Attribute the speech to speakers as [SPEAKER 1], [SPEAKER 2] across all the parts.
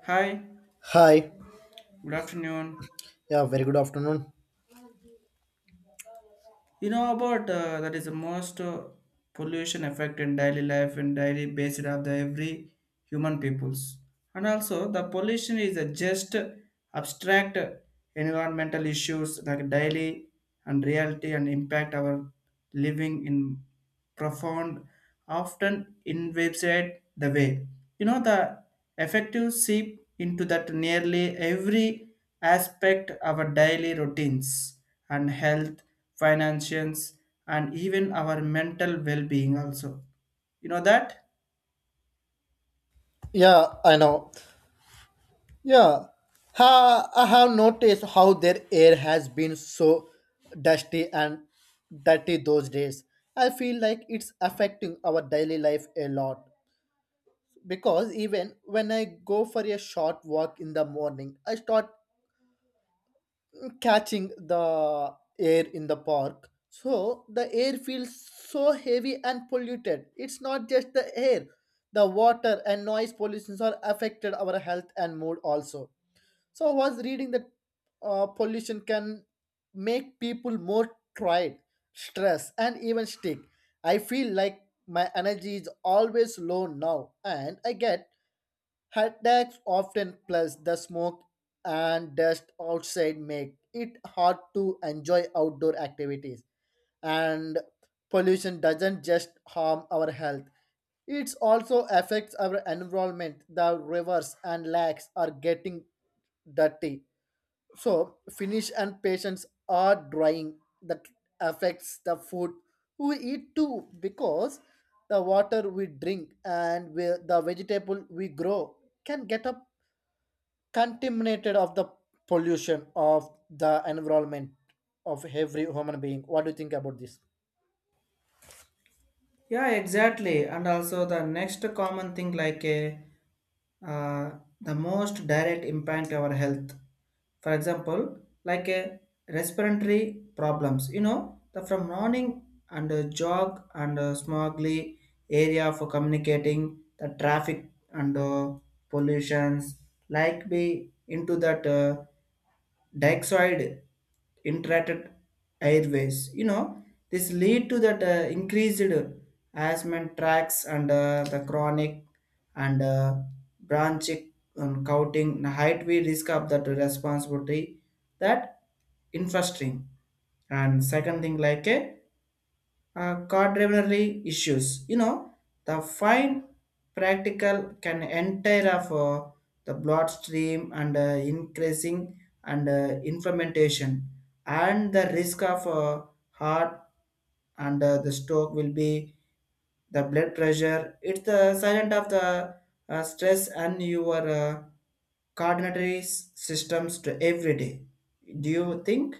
[SPEAKER 1] Hi,
[SPEAKER 2] Hi.
[SPEAKER 1] good afternoon.
[SPEAKER 2] Yeah, very good afternoon.
[SPEAKER 1] You know about that is the most pollution effect in daily life and daily basis of the every human peoples. And also the pollution is a just abstract environmental issues like daily and reality and impact our living in. Profound, often invaded the way. You know, the effective seep into that nearly every aspect of our daily routines and health, finances, and even our mental well-being also. You know that?
[SPEAKER 2] Yeah, I know. Yeah. Ha, I have noticed how their air has been so dusty and dirty those days. I feel like it's affecting our daily life a lot because even when I go for a short walk in the morning, I start catching the air in the park. So the air feels so heavy and polluted. It's not just the air, the water and noise pollutions are affected our health and mood also. So I was reading that pollution can make people more tired, stressed, and even sick. I feel like my energy is always low now, and I get headaches often plus the smoke and dust outside make it hard to enjoy outdoor activities. And pollution doesn't just harm our health. It also affects our environment. The rivers and lakes are getting dirty so finish and patience are drying that affects the food we eat too because the water we drink and we, the vegetable we grow can get up contaminated of the pollution of the environment of every human being. What do you think about this?
[SPEAKER 1] Yeah, exactly. And also the next common thing like a uh, the most direct impact our health, for example like a respiratory problems, you know, the from running and jog and smogly area for communicating the traffic and pollutions like be into that dioxide interacted airways, you know, this lead to that increased asthma tracks and the chronic and branch counting height we risk of that responsibility that infrastructure. And second thing like a quaternary issues. You know, the fine practical can enter of the bloodstream and increasing and inflammation and the risk of heart and the stroke will be the blood pressure. It's the silent of the stress and your coordinatory systems to every day. Do you think?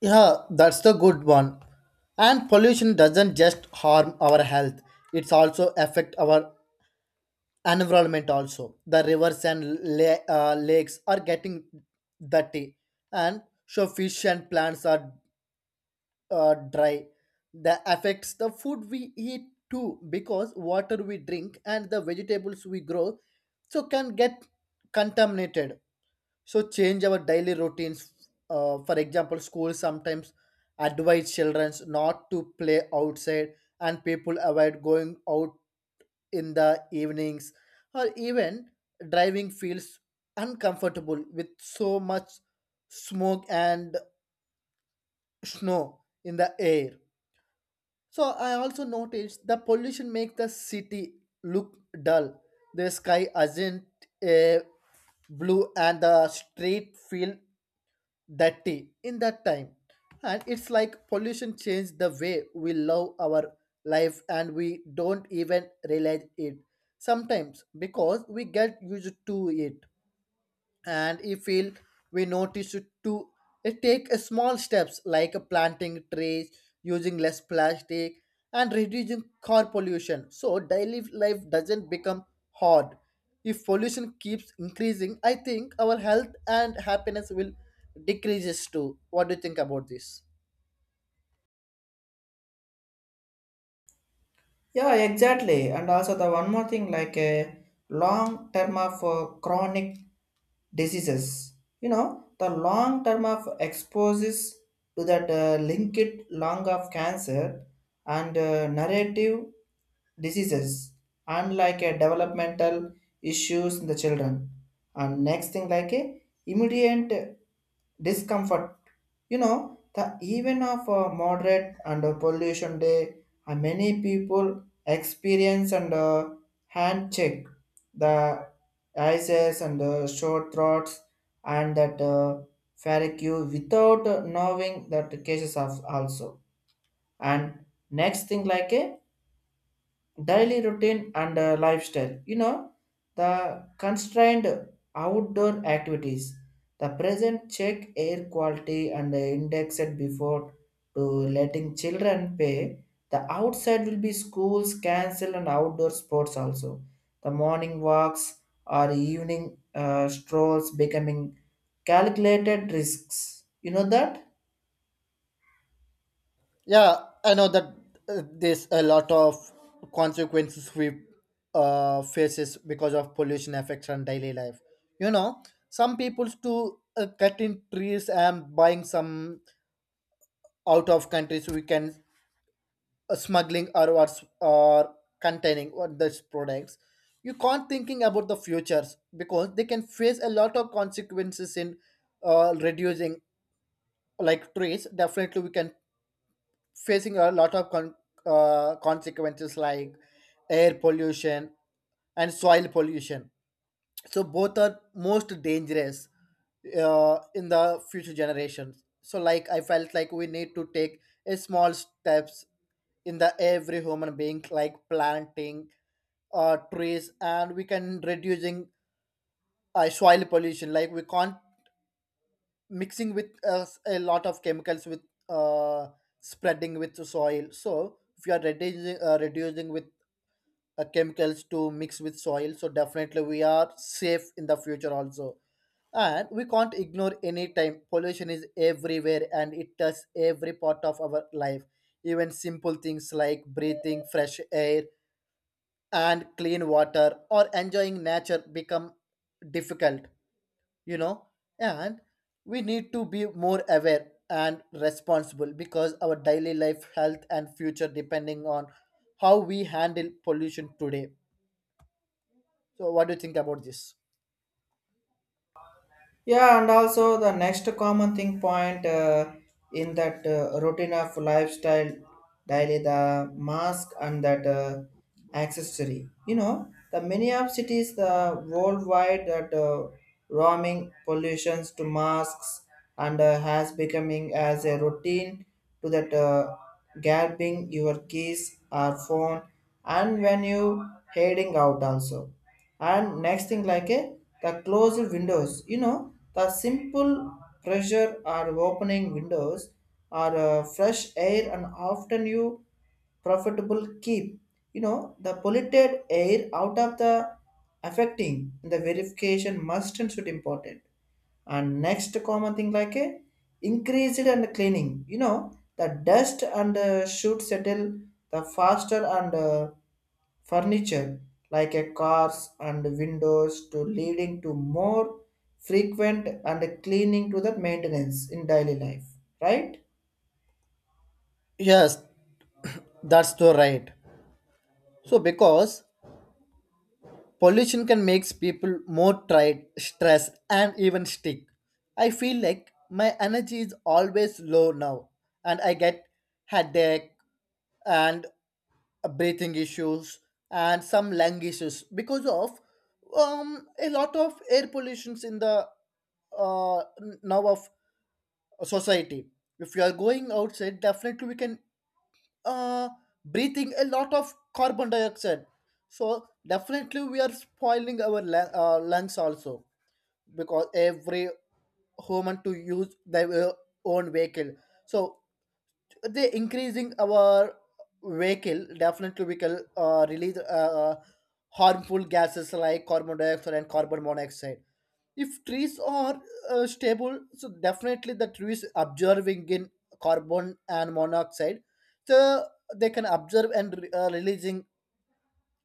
[SPEAKER 2] Yeah, that's the good one. And pollution doesn't just harm our health; it's also affect our environment also the rivers and lakes are getting dirty and so fish and plants are dry that affects the food we eat too because water we drink and the vegetables we grow so can get contaminated so change our daily routines, for example schools sometimes advise children not to play outside and people avoid going out in the evenings or even driving feels uncomfortable with so much smoke and snow in the air. So I also noticed the pollution makes the city look dull. The sky isn't a blue and the street feel that day in that time. And it's like pollution changed the way we love our life and we don't even realize it sometimes because we get used to it. And if we notice it to it take a small steps like a planting trees, using less plastic, and reducing car pollution so daily life doesn't become hard. If pollution keeps increasing I think our health and happiness will decreases too. What do you think about this?
[SPEAKER 1] Yeah, exactly. And also the one more thing like a long term of chronic diseases. You know, the long term of exposes to that linked lung of cancer and narrative diseases and like a developmental issues in the children. And next thing like a immediate discomfort. You know, the even of moderate and pollution day, many people experience and hand check the ices and short throats and that farrague without knowing that cases of also. And next thing like a daily routine and lifestyle, you know, the constrained outdoor activities, the present check air quality and index it before to letting children pay the outside will be schools cancel and outdoor sports also, the morning walks or evening strolls becoming calculated risks, you know that.
[SPEAKER 2] Yeah, I know that there's a lot of consequences we faces because of pollution affects on daily life. You know, some people's to cutting trees and buying some out of countries we can smuggling or what's or containing what those products. You can't thinking about the futures because they can face a lot of consequences in reducing like trees. Definitely, we can facing a lot of consequences like air pollution and soil pollution. So both are most dangerous in the future generations. So like I felt like we need to take a small steps in the every human being like planting trees and we can reducing soil pollution like we can't mixing with a lot of chemicals with uh, spreading with the soil so if you are reducing reducing with chemicals to mix with soil so definitely we are safe in the future also. And we can't ignore any time pollution is everywhere and it touches every part of our life even simple things like breathing fresh air and clean water or enjoying nature become difficult, you know. And we need to be more aware and responsible because our daily life health and future depending on how we handle pollution today. So what do you think about this?
[SPEAKER 1] Yeah, and also the next common thing point in that routine of lifestyle daily the mask and that accessory. You know, the many of cities the worldwide that roaming pollutions to masks and has becoming as a routine to that grabbing your keys or phone and when you heading out also. And next thing like a the closed windows, you know, the simple pressure or opening windows or fresh air and often you profitable keep, you know, the polluted air out of the affecting the verification must and should important. And next common thing like a increased and cleaning, you know, the dust and should settle the faster and furniture like a cars and windows to leading to more frequent and cleaning to the maintenance in daily life, right?
[SPEAKER 2] Yes, that's the right. So because pollution can makes people more tired, stressed, and even sick. I feel like my energy is always low now and I get headache and breathing issues and some lung issues because of a lot of air pollutions in the now of society. If you are going outside, definitely we can uh, breathing a lot of carbon dioxide. So definitely we are spoiling our lungs also because every human to use their own vehicle. So the increasing our vehicle definitely we can release harmful gases like carbon dioxide and carbon monoxide. If trees are stable so definitely the trees absorbing in carbon and monoxide so they can observe and releasing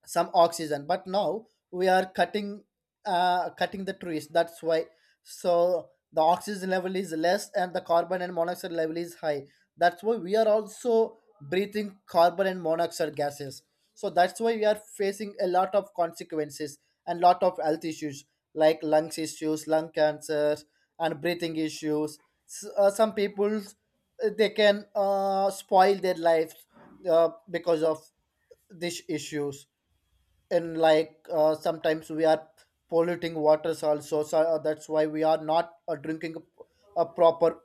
[SPEAKER 2] some oxygen but now we are cutting the trees. That's why so the oxygen level is less and the carbon and monoxide level is high. That's why we are also breathing carbon and monoxide gases. So that's why we are facing a lot of consequences and lot of health issues like lungs issues, lung cancer, and breathing issues. Some people they can spoil their lives because of these issues. And like, sometimes we are polluting waters also so that's why we are not drinking a proper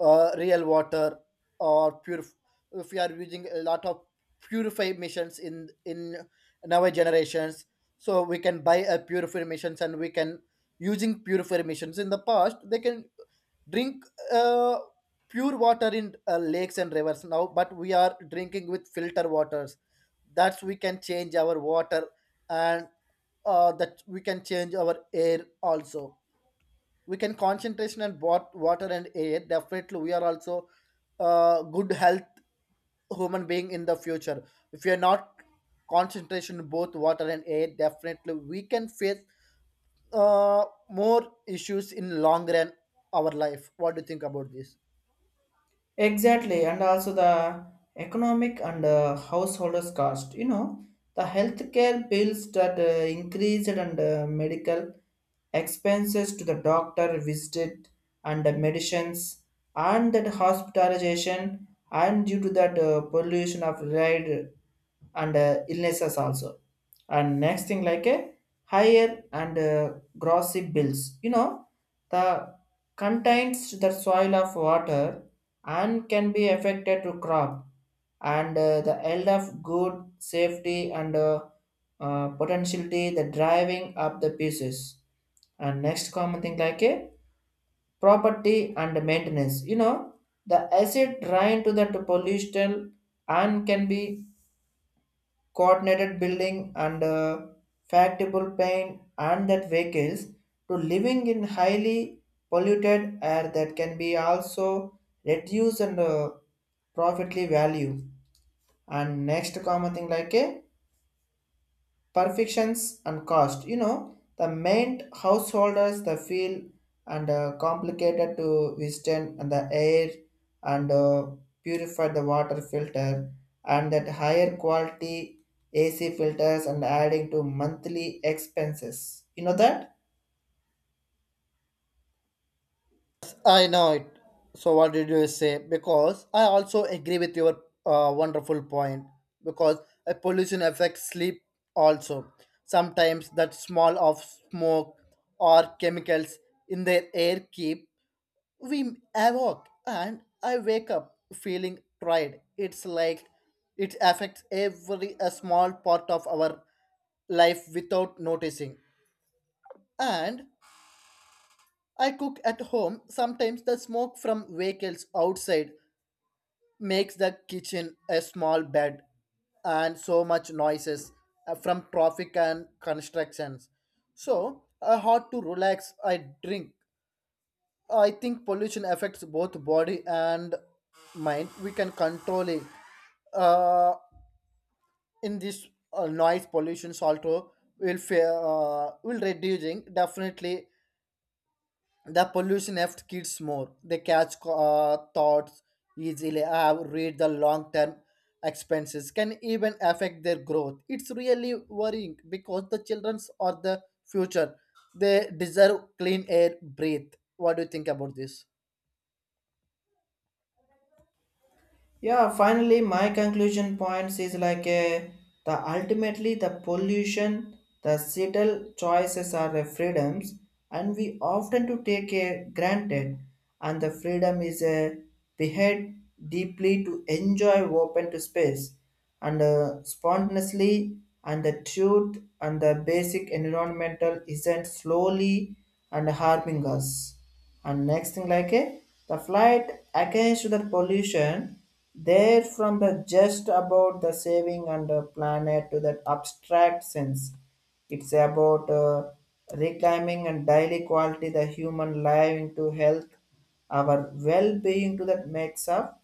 [SPEAKER 2] real water or pure if we are using a lot of purify machines in now generations. So we can buy a purifier machines and we can using purifier machines in the past. They can drink uh, pure water in lakes and rivers now but we are drinking with filter waters. That's we can change our water and that we can change our air also. We can concentration on water and air definitely we are also good health human being in the future. If we are not concentration on both water and air definitely we can face uh, more issues in long run our life. What do you think about this?
[SPEAKER 1] Exactly, and also the economic and householders cost. You know, the healthcare bills that increased and medical expenses to the doctor visit and the medicines and that hospitalization and due to that pollution of ride and illnesses also. And next thing like a higher and grocery bills. You know, the contains the soil of water and can be affected to crop and the health of good safety and potentiality the driving up the pieces. And next common thing like a property and maintenance, you know, the acid drain to the pollution and can be coordinated building and factible pain and that vehicles to living in highly polluted air that can be also reduced and profitly value. And next common thing like a perfections and cost, you know, the main householders the feel and complicated to withstand and the air and purify the water filter and that higher quality ac filters and adding to monthly expenses, you know that.
[SPEAKER 2] I know it. So what did you say? Because I also agree with your wonderful point. Because a pollution affects sleep also. Sometimes that small of smoke or chemicals in the air keep we awake and I wake up feeling tired. It's like it affects every a small part of our life without noticing. And I cook at home. Sometimes the smoke from vehicles outside makes the kitchen a small bed and so much noises from traffic and constructions. So, hard to relax. I drink. I think pollution affects both body and mind. We can control it. Uh, in this noise pollution, also will will reducing definitely the pollution affects kids more. They catch thoughts easily, read the long term expenses, can even affect their growth. It's really worrying because the childrens are the future. They deserve clean air, breathe. What do you think about this?
[SPEAKER 1] Yeah, finally my conclusion points is like a, the ultimately the pollution, the subtle choices are the freedoms and we often to take a granted and the freedom is a behead deeply to enjoy open to space and spontaneously and the truth and the basic environmental isn't slowly and harming us. And next thing like a the flight against the pollution there from the just about the saving and the planet to that abstract sense, it's about reclaiming and daily quality the human life into health our well-being to that makes up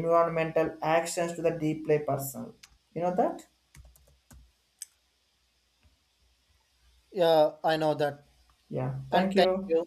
[SPEAKER 1] environmental actions to the deeply personal, you know that.
[SPEAKER 2] Yeah, I know that.
[SPEAKER 1] Yeah,
[SPEAKER 2] And
[SPEAKER 1] thank
[SPEAKER 2] thank
[SPEAKER 1] you.
[SPEAKER 2] you.